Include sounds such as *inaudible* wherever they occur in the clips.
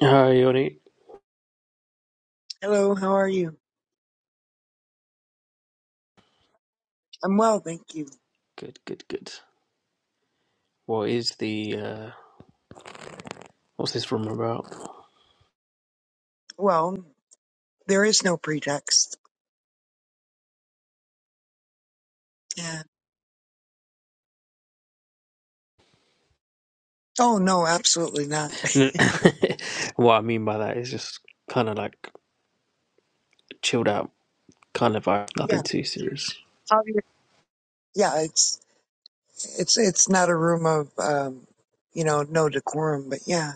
Hi, Yoni. Hello, how are you? I'm well, thank you. Good, good, good. What is the uh what's this room about? Well, there is no pretext. Yeah. Oh no, absolutely not. N- *laughs* what I mean by that is just kind of like chilled out, kind of vibe, *laughs* yeah. nothing too serious. Obvious. Yeah, it's it's it's not a room of um, you know, no decorum, but yeah,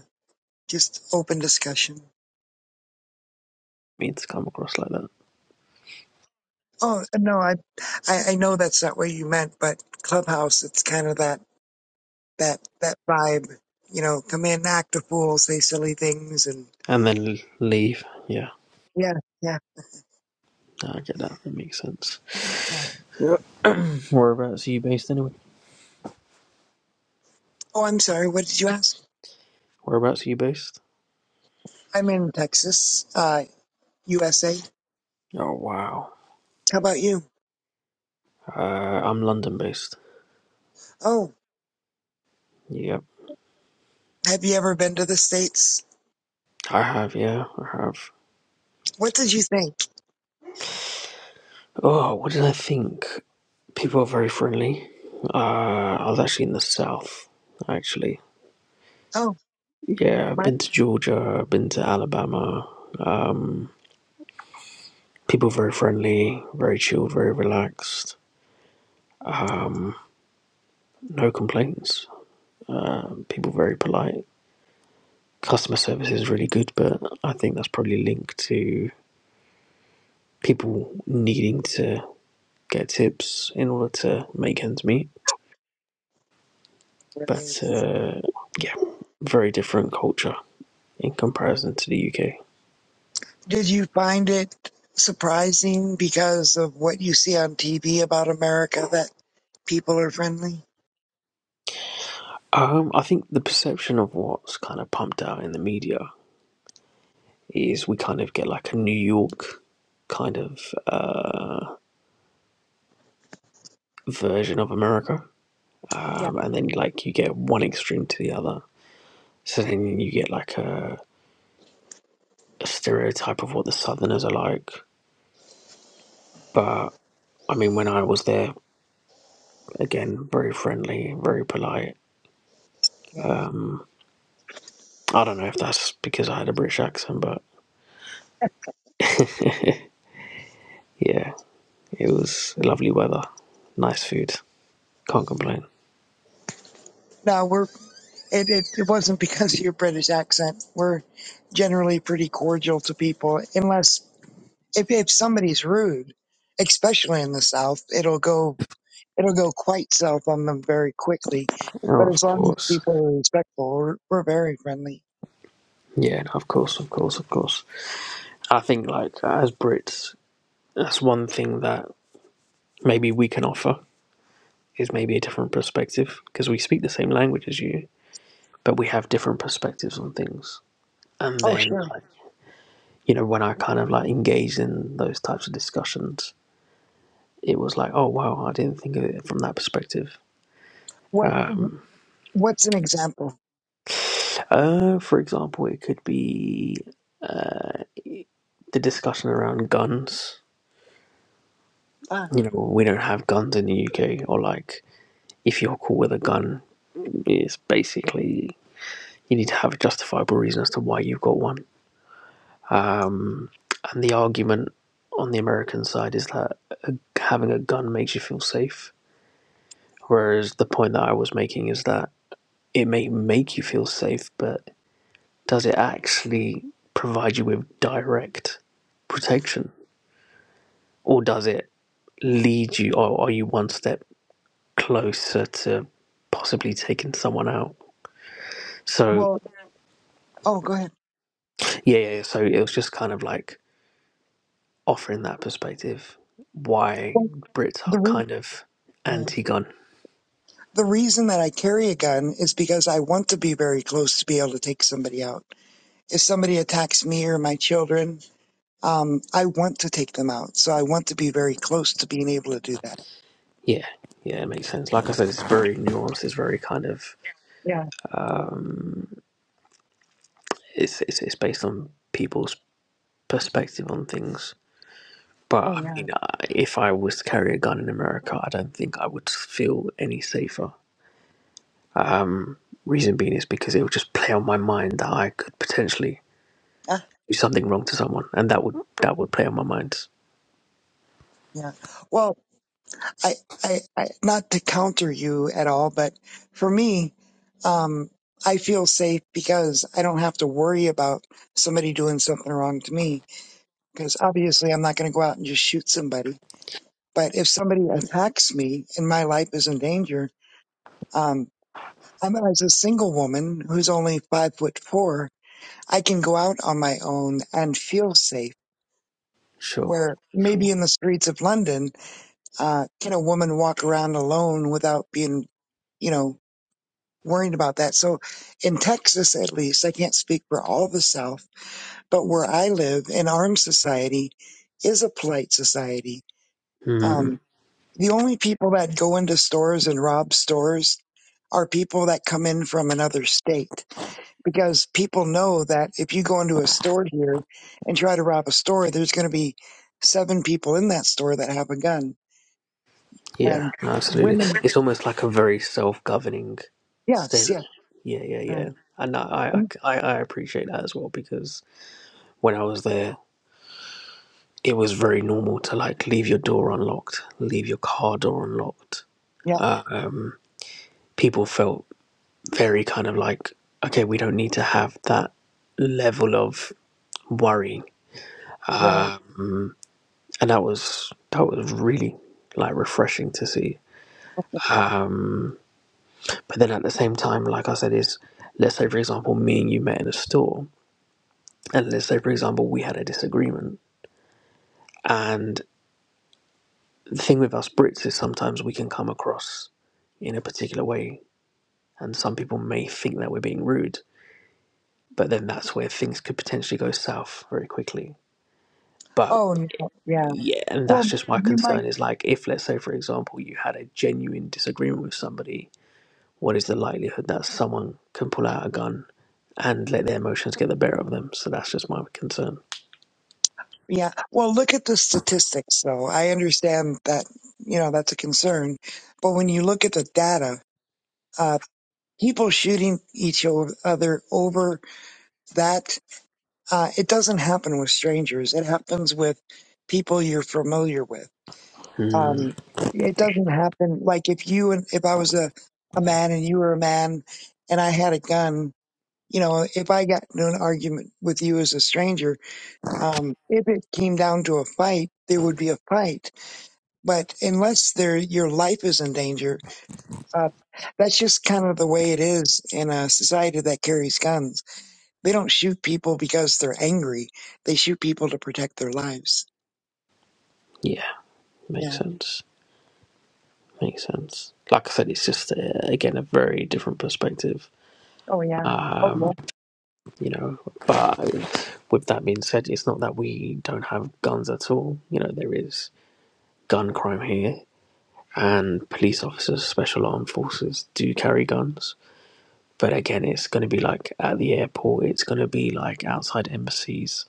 just open discussion. Mean to come across like that, Oh no, I I, I know that's not what you meant, but Clubhouse, it's kind of that that that vibe. You know, come in, act a fool, say silly things, and and then l- leave. Yeah, yeah, yeah. no, I get that. That makes sense. Yeah. *clears throat* Whereabouts are you based anyway? Oh, I'm sorry. What did you ask? Whereabouts are you based? I'm in Texas. Uh, USA. Oh wow. How about you? Uh, I'm London based. Oh, Yep, have you ever been to the States? I have. Yeah, I have. What did you think? Oh, what did I think? People are very friendly. Uh, I was actually in the South, actually. Oh, Yeah, I've my. been to Georgia, I've been to Alabama. Um, people very friendly, very chilled, very relaxed. No complaints. Uh, people very polite. Customer service is really good, but I think that's probably linked to people needing to get tips in order to make ends meet. Right. But uh, yeah, very different culture in comparison to the UK. Did you find it surprising because of what you see on TV about America that people are friendly? Um, I think the perception of what's kind of pumped out in the media is we kind of get like a New York kind of uh, version of America, Yeah, um, and then like you get one extreme to the other. So then you get like a, a stereotype of what the Southerners are like. But I mean, when I was there, again, very friendly, very polite. yeah. Um, I don't know if that's because I had a British accent, but *laughs* yeah, it was lovely weather, nice food, can't complain. No, we're, it, it, it wasn't because of your British accent. We're generally pretty cordial to people, unless if, if somebody's rude, especially in the South, it'll go it'll go quite south on them very quickly. Oh, But as of long as course. people are respectful, we're, we're very friendly. Yeah, no, of course, of course, of course. I think, like, as Brits, that's one thing that maybe we can offer is maybe a different perspective because we speak the same language as you, but we have different perspectives on things. And Oh, then, sure. like, you know, when I kind of like engaged in those types of discussions, it was like, oh, wow, I didn't think of it from that perspective. What? Um, What's an example? uh, for example, it could be the discussion around guns. Ah, You know, we don't have guns in the UK, or like if you're caught with a gun, it's basically you need to have a justifiable reason as to why you've got one. Um, and the argument on the American side is that uh, having a gun makes you feel safe, whereas the point that I was making is that it may make you feel safe, but does it actually provide you with direct protection, or does it lead you, or are you one step closer to possibly taking someone out? So well. Oh, go ahead. yeah, yeah. So it was just kind of like offering that perspective why Well, Brits are the re- kind of yeah. anti gun. the reason that I carry a gun is because I want to be very close to be able to take somebody out. If somebody attacks me or my children, um, I want to take them out. So I want to be very close to being able to do that. Yeah, yeah, it makes sense. Like I said, it's very nuanced, it's very kind of, Yeah. um, it's, it's, it's based on people's perspective on things. But Oh, I yeah. mean, I- if I was to carry a gun in America, I don't think I would feel any safer. Um, reason being is because it would just play on my mind that I could potentially Ah, do something wrong to someone, and that would that would play on my mind yeah. Well, I, I, I, not to counter you at all, but for me, um, I feel safe because I don't have to worry about somebody doing something wrong to me. Because obviously, I'm not going to go out and just shoot somebody. But if somebody attacks me and my life is in danger, um, I'm as a single woman who's only five foot four, I can go out on my own and feel safe. Sure, Where maybe sure. in the streets of London, uh, can a woman walk around alone without being, you know, worrying about that. So in Texas, at least, I can't speak for all the South, but where I live, an armed society is a polite society. Um, Mm, the only people that go into stores and rob stores are people that come in from another state because people know that if you go into a store here and try to rob a store, there's going to be seven people in that store that have a gun yeah, and no, absolutely. women. It's almost like a very self-governing Yes, state. yes, Yeah, yeah, right. yeah. And I, Mm, I, I I appreciate that as well because when I was there, it was very normal to like leave your door unlocked, leave your car door unlocked. yeah, Um, people felt very kind of like, okay, we don't need to have that level of worrying. right. Um, and that was that was really like refreshing to see But then at the same time, like I said, is let's say for example, me and you met in a store, and let's say for example we had a disagreement. And the thing with us Brits is sometimes we can come across in a particular way, and some people may think that we're being rude, but then that's where things could potentially go south very quickly. But Oh, no, yeah. yeah, and that's Well, just my you might. concern is like if let's say for example you had a genuine disagreement with somebody, what is the likelihood that someone can pull out a gun and let their emotions get the better of them? So that's just my concern. Yeah. Well, look at the statistics, though. I understand that, you know, that's a concern. But when you look at the data, uh, people shooting each o- other over that, uh, it doesn't happen with strangers. It happens with people you're familiar with. Mm, Um, it doesn't happen. Like if you and if I was a, a man and you were a man and I had a gun, you know, if I got into an argument with you as a stranger, Um, if it came down to a fight, there would be a fight. But unless there, your life is in danger, uh, that's just kind of the way it is in a society that carries guns. They don't shoot people because they're angry. They shoot people to protect their lives. yeah, makes Yeah. sense. Makes sense. Like I said, it's just uh, again a very different perspective. Oh, yeah. Oh, Um, well. you know, but with that being said, it's not that we don't have guns at all. You know, there is gun crime here, and police officers, special armed forces do carry guns. But again, it's going to be like at the airport. It's going to be like outside embassies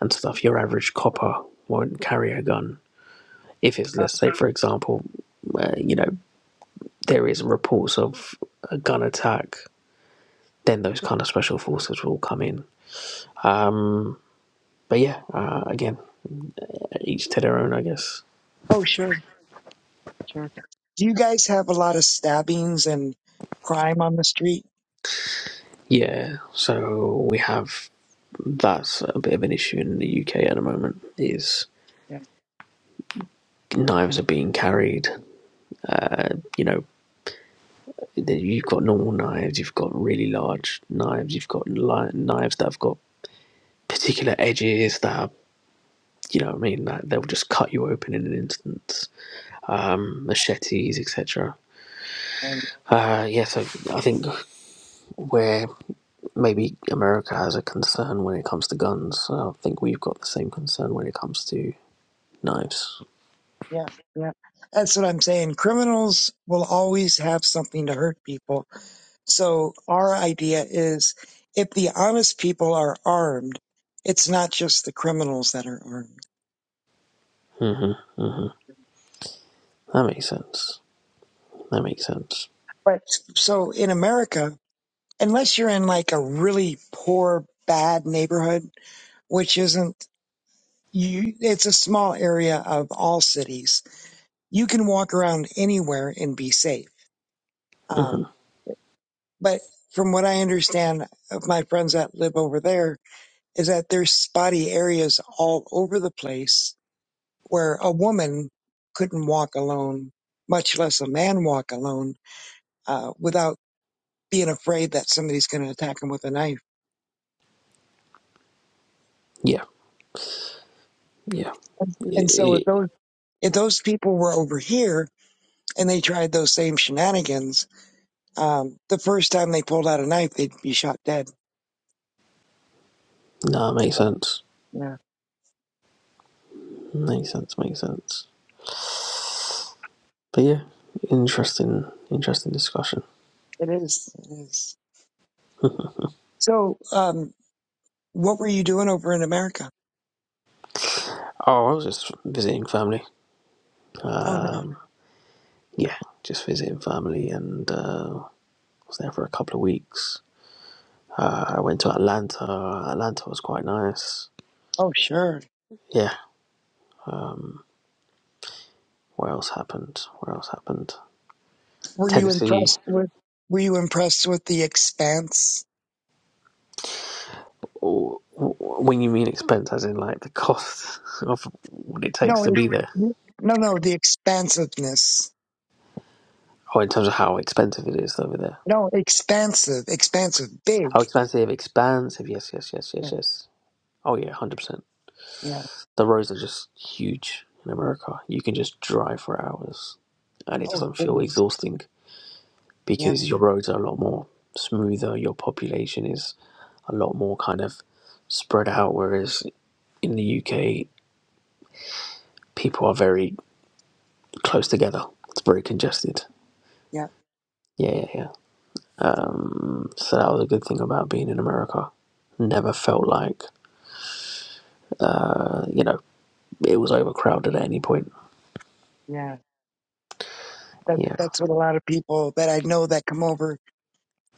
and stuff. Your average copper won't carry a gun if it's, Uh, let's say, for example, uh, you know. there is reports of a gun attack, then those kind of special forces will come in. Um, but yeah, uh, again, each to their own, I guess. oh, sure. Sure. Do you guys have a lot of stabbings and crime on the street? Yeah, so we have that's a bit of an issue in the UK at the moment. Is Yeah. knives are being carried, uh, you know. You've got normal knives, you've got really large knives, you've got li- knives that have got particular edges that are, you know what I mean, that they'll just cut you open in an instant. Um, machetes, etc. Um, Uh, yeah, so I think where maybe America has a concern when it comes to guns, I think we've got the same concern when it comes to knives. yeah. Yeah. That's what I'm saying. Criminals will always have something to hurt people So our idea is if the honest people are armed, it's not just the criminals that are armed. hmm hmm That makes sense. That makes sense. But So in America, unless you're in like a really poor, bad neighborhood, which isn't you, it's a small area of all cities. You can walk around anywhere and be safe. hmm Um, but from what I understand of my friends that live over there is that there's spotty areas all over the place where a woman couldn't walk alone, much less a man walk alone, uh, without being afraid that somebody's going to attack him with a knife. Yeah, yeah. And so if It, it, those if those people were over here and they tried those same shenanigans, um, the first time they pulled out a knife, they'd be shot dead. no, it makes sense. Yeah, Makes sense. Makes sense. But yeah, interesting, interesting discussion. it is. It is. Mm-hmm. So, um, what were you doing over in America? Oh, I was just visiting family. Oh no. Um, yeah, just visiting family, and uh, was there for a couple of weeks. Uh, I went to Atlanta. Atlanta was quite nice. Oh sure. Yeah. Um, where else happened? Where else happened? Were you Tennessee. impressed with? Were you impressed with the expanse? W- w- When you mean expense, as in like the cost *laughs* of what it No, takes to it's be there, no, no. The expansiveness. or in terms of how expensive it is over there. No, expansive, expansive, How big. expensive? Expensive. Yes, yes, yes, Yeah. yes, yes. Oh yeah, hundred percent. yeah. The roads are just huge in America. You can just drive for hours, and it Oh doesn't feel goodness. exhausting Yeah. because your roads are a lot more smoother, your population is a lot more kind of spread out, whereas in the UK, people are very close together. It's very congested. Yeah. Yeah, yeah, yeah. Yeah. Um, so that was a good thing about being in America. Never felt like, uh, you know, it was overcrowded at any point. Yeah. That Yeah, that's what a lot of people that I know that come over.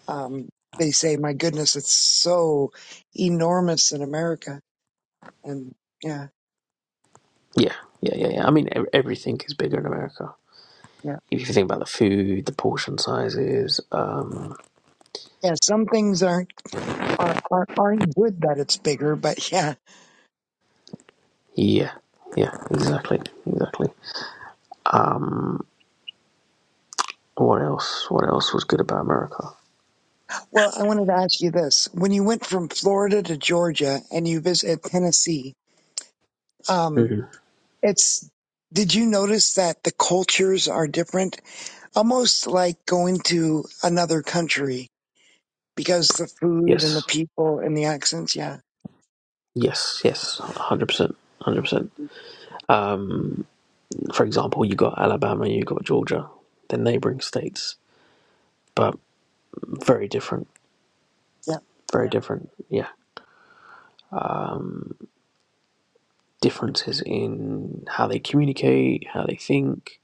Um, they say, "My goodness, it's so enormous in America." And yeah, yeah, yeah, yeah, yeah. I mean, ev- everything is bigger in America. yeah, If you think about the food, the portion sizes, um, yeah. Some things aren't are, are aren't good that it's bigger, but *laughs* yeah. yeah, yeah, exactly, exactly. Um, what else? What else was good about America? Well, I wanted to ask you this: when you went from Florida to Georgia and you visited Tennessee. Um, Mm. It's, did you notice that the cultures are different? Almost like going to another country because the food and the Yes, people and the accents. Yeah. yes, yes, one hundred percent, one hundred percent. Um, for example, you got Alabama, you got Georgia, they're neighboring states, but very different, Yeah. very different. Yeah, differences in how they communicate, how they think,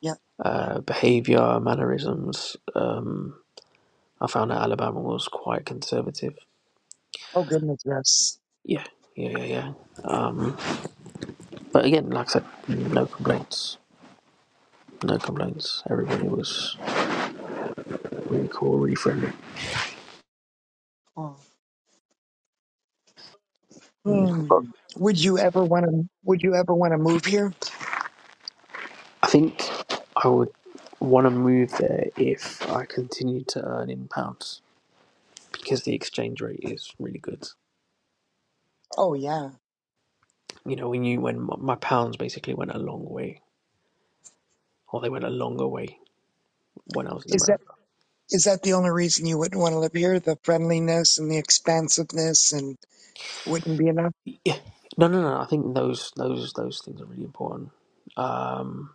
Yeah. uh, behavior, mannerisms. Um, I found that Alabama was quite conservative. Oh goodness. Yes. Yeah, yeah, yeah, yeah. Um, but again, like I said, no complaints. No complaints. Everybody was really cool, really friendly. Oh. Mm. But Hmm. Would you ever want to, would you ever want to move here? I think I would want to move there if I continued to earn in pounds because the exchange rate is really good. Oh yeah. You know, when you when my my pounds basically went a long way, or they went a longer way when I was in Is that, America. is that the only reason you wouldn't want to live here? The friendliness and the expansiveness and wouldn't be enough? Yeah. No, no, no. I think those those those things are really important. Um,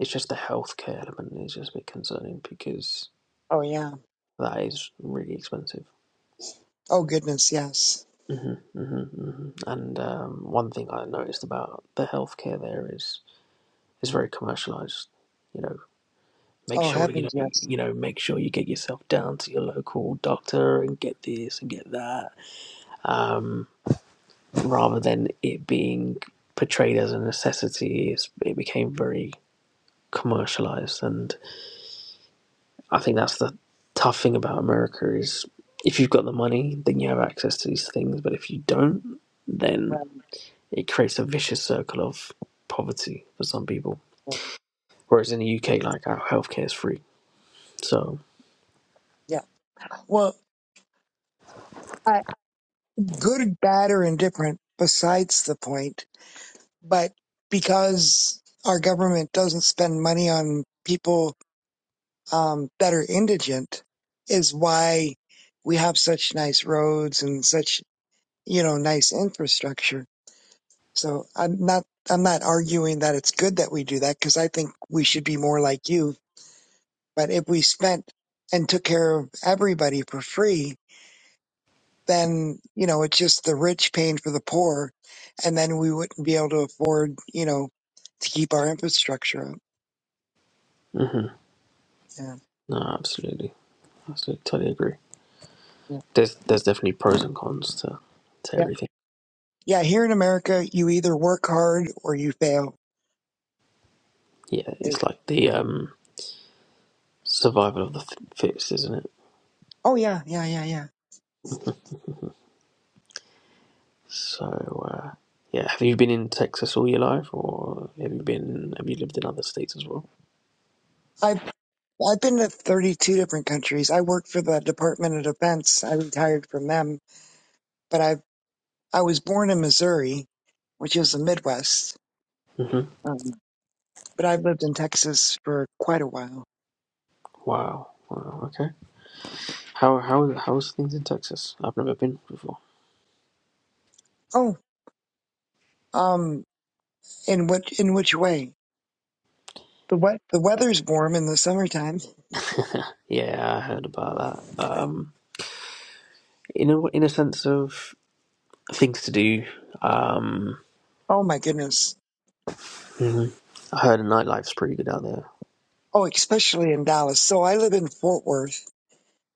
it's just the healthcare element is just a bit concerning because Oh yeah. that is really expensive. Oh goodness. Yes. Mm-hmm, mm-hmm, hmm And um, one thing I noticed about the healthcare there is is very commercialized. You know, make Oh sure you know heavens. Yes. you know make sure you get yourself down to your local doctor and get this and get that, um, rather than it being portrayed as a necessity. It's, it became very commercialized, and I think that's the tough thing about America is if you've got the money, then you have access to these things, but if you don't, then Right. it creates a vicious circle of poverty for some people. Whereas in the UK, like our healthcare is free. So, Yeah. Well, I, good, bad, or indifferent, besides the point. But because our government doesn't spend money on people um, that are indigent, is why we have such nice roads and such you know nice infrastructure. So I'm not I'm not arguing that it's good that we do that because I think we should be more like you. But if we spent and took care of everybody for free, then, you know, it's just the rich paying for the poor. And then we wouldn't be able to afford, you know, to keep our infrastructure up. hmm Yeah. no, absolutely, absolutely, totally agree. Yeah. There's there's definitely pros and cons to to Yeah. everything. Yeah. Here in America, you either work hard or you fail. Yeah, It- it's like the um survival of the th- fittest, isn't oh, yeah. Yeah. Yeah. Yeah. it? *laughs* So, uh, yeah, have you been in Texas all your life, or have you been have you lived in other states as well? I've, I've been to 32 different countries. I worked for the Department of Defense. I retired from them, but I, I was born in Missouri, which is the Midwest. hmm Um, but I've lived in Texas for quite a while. Wow. Wow. Okay. How how how's things in Texas? I've never been before. Oh, um, in which, in which way? The wet, the weather's warm in the summertime. *laughs* Yeah, I heard about that. Um, in a in a sense of things to do. Um, Oh my goodness. mhm. I heard nightlife's pretty good out there. Oh, especially in Dallas. So I live in Fort Worth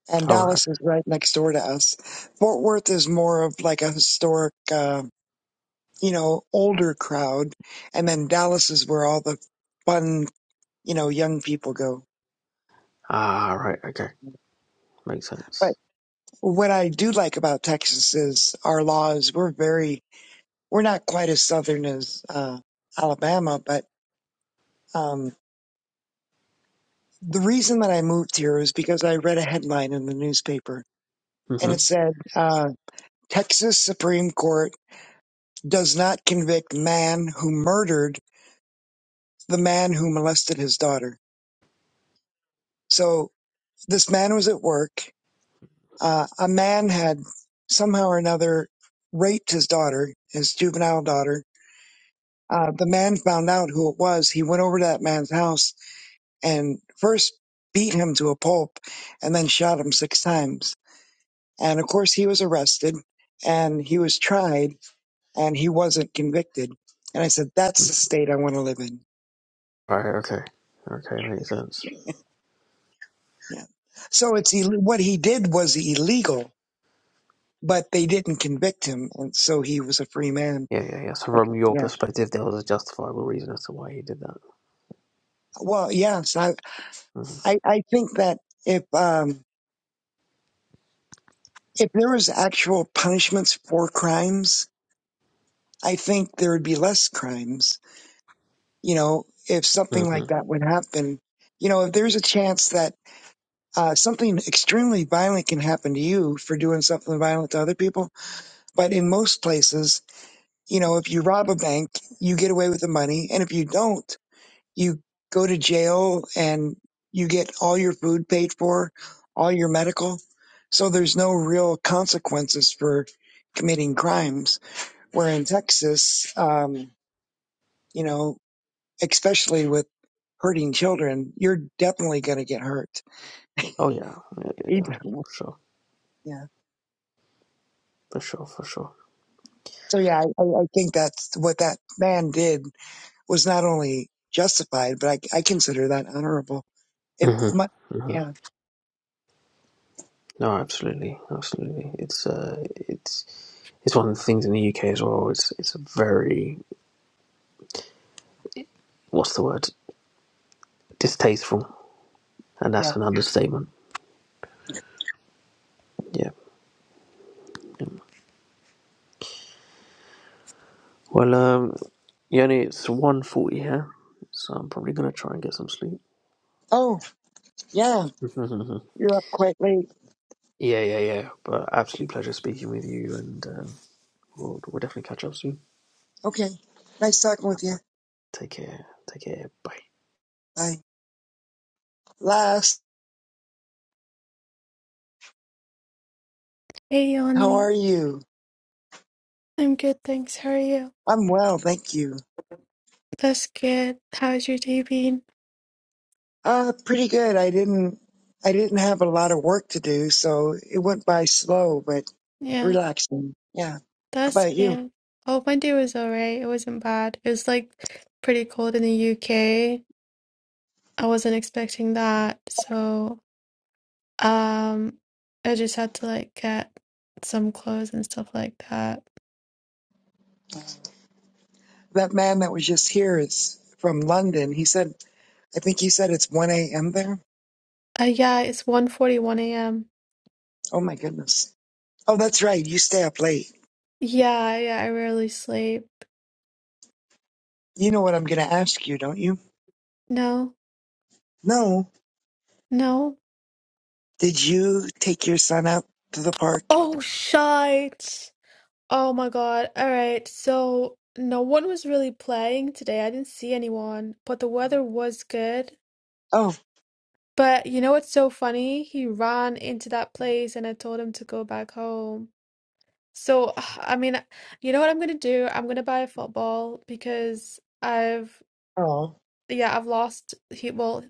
and All right. Dallas okay. is right next door to us. Fort Worth is more of like a historic, uh, you know, older crowd. And then Dallas is where all the fun, you know, young people go. Ah, right. Okay, makes But sense. what I do like about Texas is our laws. We're very, we're not quite as southern as, uh, Alabama, but, um, the reason that I moved here is because I read a headline in the newspaper and it Mm-hmm. said uh, Texas Supreme Court does not convict man who murdered the man who molested his daughter. So this man was at work. Uh, a man had somehow or another raped his daughter, his juvenile daughter. Uh, the man found out who it was. He went over to that man's house and first beat him to a pulp and then shot him six times. And of course, he was arrested and he was tried and he wasn't convicted. And I said, that's the Mm-hmm. state I want to live in. Right. Okay. Okay, makes sense. Yeah. So it's ill- what he did was illegal, but they didn't convict him, and so he was a free man. Yeah, yeah, yeah. So Like, from your yeah. perspective, there was a justifiable reason as to why he did that. Well, yeah. So I, Mm-hmm. I, I think that if um, if there was actual punishments for crimes, I think there would be less crimes. You know, if something hmm like that would happen, you know, if there's a chance that uh, something extremely violent can happen to you for doing something violent to other people But in most places, you know, if you rob a bank, you get away with the money. And if you don't, you go to jail and you get all your food paid for, all your medical. So there's no real consequences for committing crimes. Where in Texas, um, you know, especially with hurting children, you're definitely going to get hurt. Oh yeah. Yeah, yeah, yeah. Even- For sure. Yeah. For sure. For sure. So yeah, I, I I think that's what that man did was not only justified, but I, I consider that honorable. It, my, Mm-hmm. Mm-hmm. yeah, No, absolutely, absolutely. It's uh, it's it's one of the things in the UK as well. It's it's a very what's the word distasteful, and yeah. that's an understatement. Yeah. yeah. Well, um, Yoni, it's one forty here, so I'm probably gonna try and get some sleep. Oh, yeah. *laughs* yeah, You're up quite late. yeah, yeah. But absolute pleasure speaking with you, and um, we'll, we'll definitely catch up soon. Okay. Nice talking with you. Take care. Take care. Bye. Bye. Last, Hey how Yanni, are you? I'm good, thanks. How are you? I'm well, thank you. That's good. How's your day been? Uh, pretty good. I didn't, I didn't have a lot of work to do, so it went by slow, but Yeah, relaxing. Yeah. How that's about you? good. Oh, my day was all right. It wasn't bad. It was like pretty cold in the UK. I wasn't expecting that, so um, I just had to like get some clothes and stuff like that. That man that was just here is from London. He said, I think you said it's 1 a.m. there. Uh, yeah, it's one forty-one a.m. Oh my goodness. Oh, that's right. You stay up late. Yeah, yeah, I rarely sleep. You know what I'm going to ask you, don't you? No, No. no. Did you take your son out to the park? Oh, shite. Oh my God. All right. So no one was really playing today. I didn't see anyone, but the weather was good. Oh, But you know what's so funny? He ran into that place and I told him to go back home. So, *sighs* I mean, you know what I'm gonna do? I'm gonna buy a football because I've, oh, yeah, I've lost. He, well,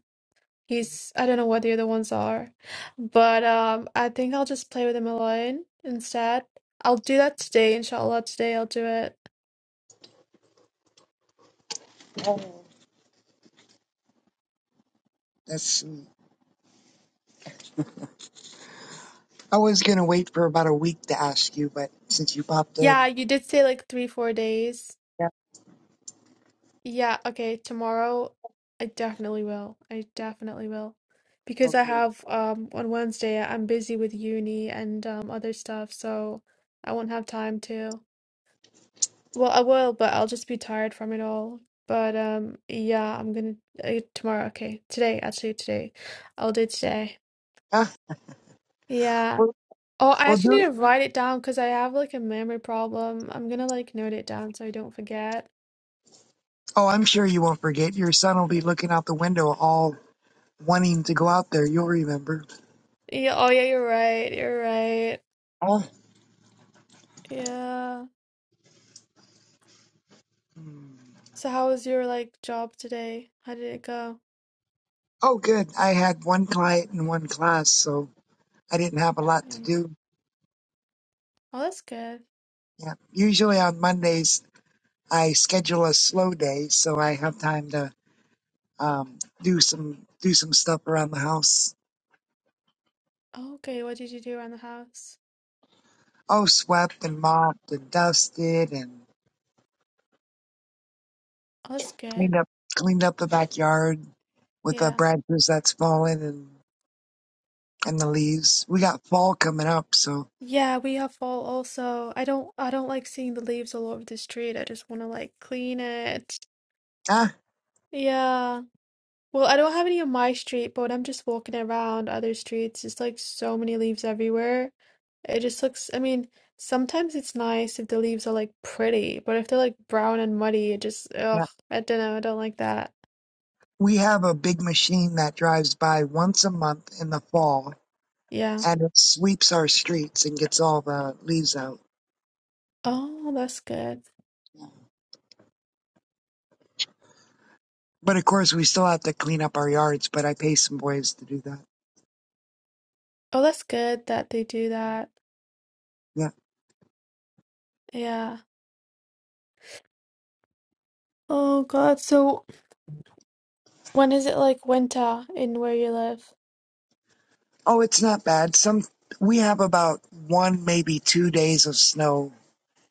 he's, I don't know what the other ones are, but um, I think I'll just play with him alone instead. I'll do that today, inshallah. Today I'll do it. that's sweet. I was going to wait for about a week to ask you, but since you popped in, Yeah, you did say like three, four days. yeah, Yeah, okay, tomorrow I definitely will. I definitely will. I'll Because I do it. have um on Wednesday I'm busy with uni and um other stuff, so I won't have time to. Well, I will, but I'll just be tired from it all. But um yeah, I'm gonna uh, tomorrow, okay. Today, actually today. I'll do today. Ah, Yeah. well, Oh, I well, actually do need it. to write it down because I have like a memory problem. I'm gonna like note it down so I don't forget. Oh, I'm sure you won't forget. Your son will be looking out the window, all wanting to go out there. You'll remember. Yeah, oh yeah, you're right. You're right. Oh, Yeah. hmm. So how was your like job today? How did it go? oh, good. I had one client in one class, so I didn't have a lot to Yeah. do. Oh, that's good. Yeah, usually on Mondays I schedule a slow day so I have time to um, do some do some stuff around the house. Oh, okay, what did you do around the house? Oh, swept and mopped and dusted and Oh, that's good. cleaned up cleaned up the backyard with the Yeah. branches that's fallen and and the leaves. We got fall coming up, so Yeah, we have fall also. I don't I don't like seeing the leaves all over the street. I just want to like clean it. ah Yeah. Well, I don't have any on my street, but when I'm just walking around other streets, it's like so many leaves everywhere. It just looks, I mean, sometimes it's nice if the leaves are like pretty, but if they're like brown and muddy, it just, yeah. ugh, I don't know, I don't like that. We have a big machine that drives by once a month in the fall Yeah. and it sweeps our streets and gets all the leaves out. Oh, that's good. But of course, we still have to clean up our yards. But I pay some boys to do that. Oh, that's good that they do that. Yeah. Yeah. Oh God, so when is it like winter in where you live? Oh, it's not bad. Some we have about one, maybe two days of snow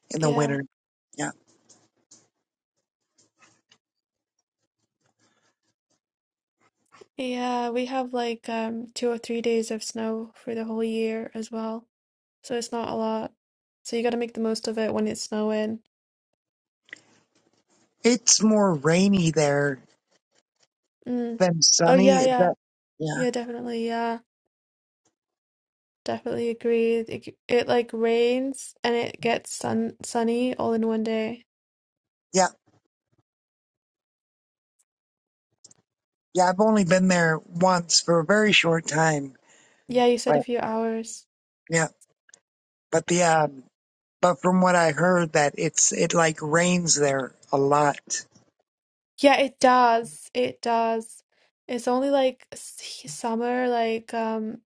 in the Yeah. winter. Yeah. Yeah, we have like um two or three days of snow for the whole year as well. So it's not a lot. So you got to make the most of it when it's snowing. It's more rainy there Mm. than Oh sunny. yeah, Is yeah. that yeah. Yeah, definitely. Yeah. Definitely agree. It, it like rains and it gets sun sunny all in one day. Yeah. Yeah, I've only been there once for a very short time. Yeah, you said a But few hours. yeah. But the um but from what I heard that it's it like rains there a lot. Yeah, it does. It does. It's only like s- summer, like um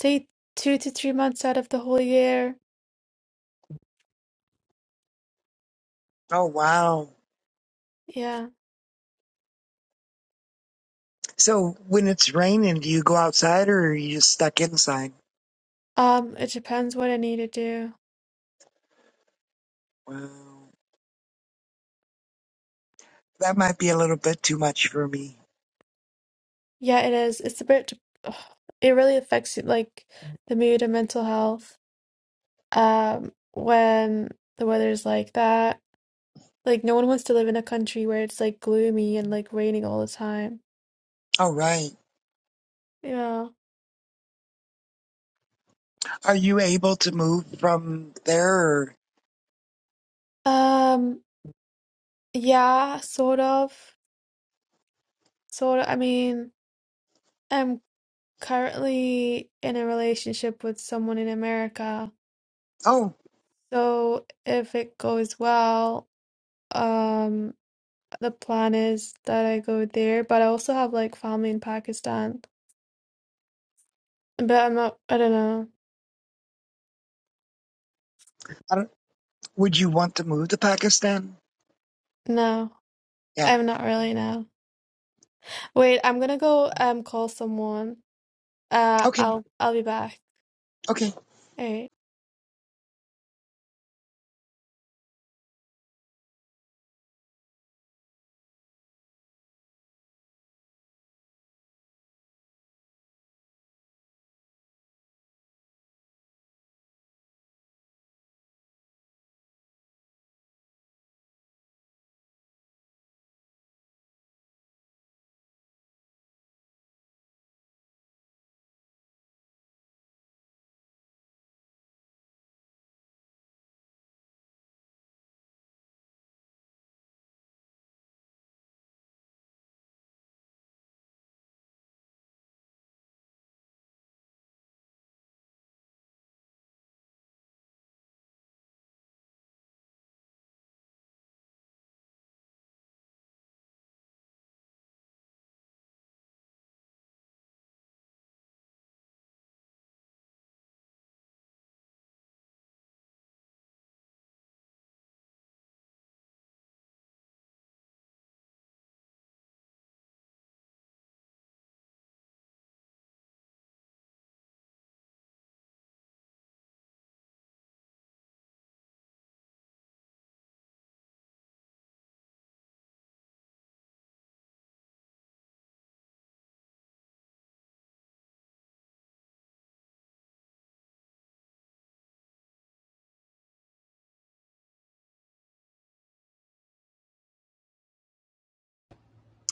say two to three months out of the whole year. Oh wow. Yeah. So when it's raining, do you go outside or are you just stuck inside? Um, it depends what I need to do. Wow. That might be a little bit too much for me. Yeah, it is. It's a bit, ugh, it really affects you, like the mood and mental health. Um, when the weather's like that, like no one wants to live in a country where it's like gloomy and like raining all the time. All right. Yeah. Are you able to move from there? Or, Um, yeah, sort of. Sort of. I mean, I'm currently in a relationship with someone in America. oh, So if it goes well, um, the plan is that I go there, but I also have like family in Pakistan. But I'm not, I don't know. I don't, would you want to move to Pakistan? No, Yeah. I'm not really now. Wait, I'm gonna go um call someone. Uh, Okay. I'll I'll be back. Okay. All right.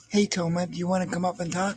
Hey, Toma, do you want to come up and talk?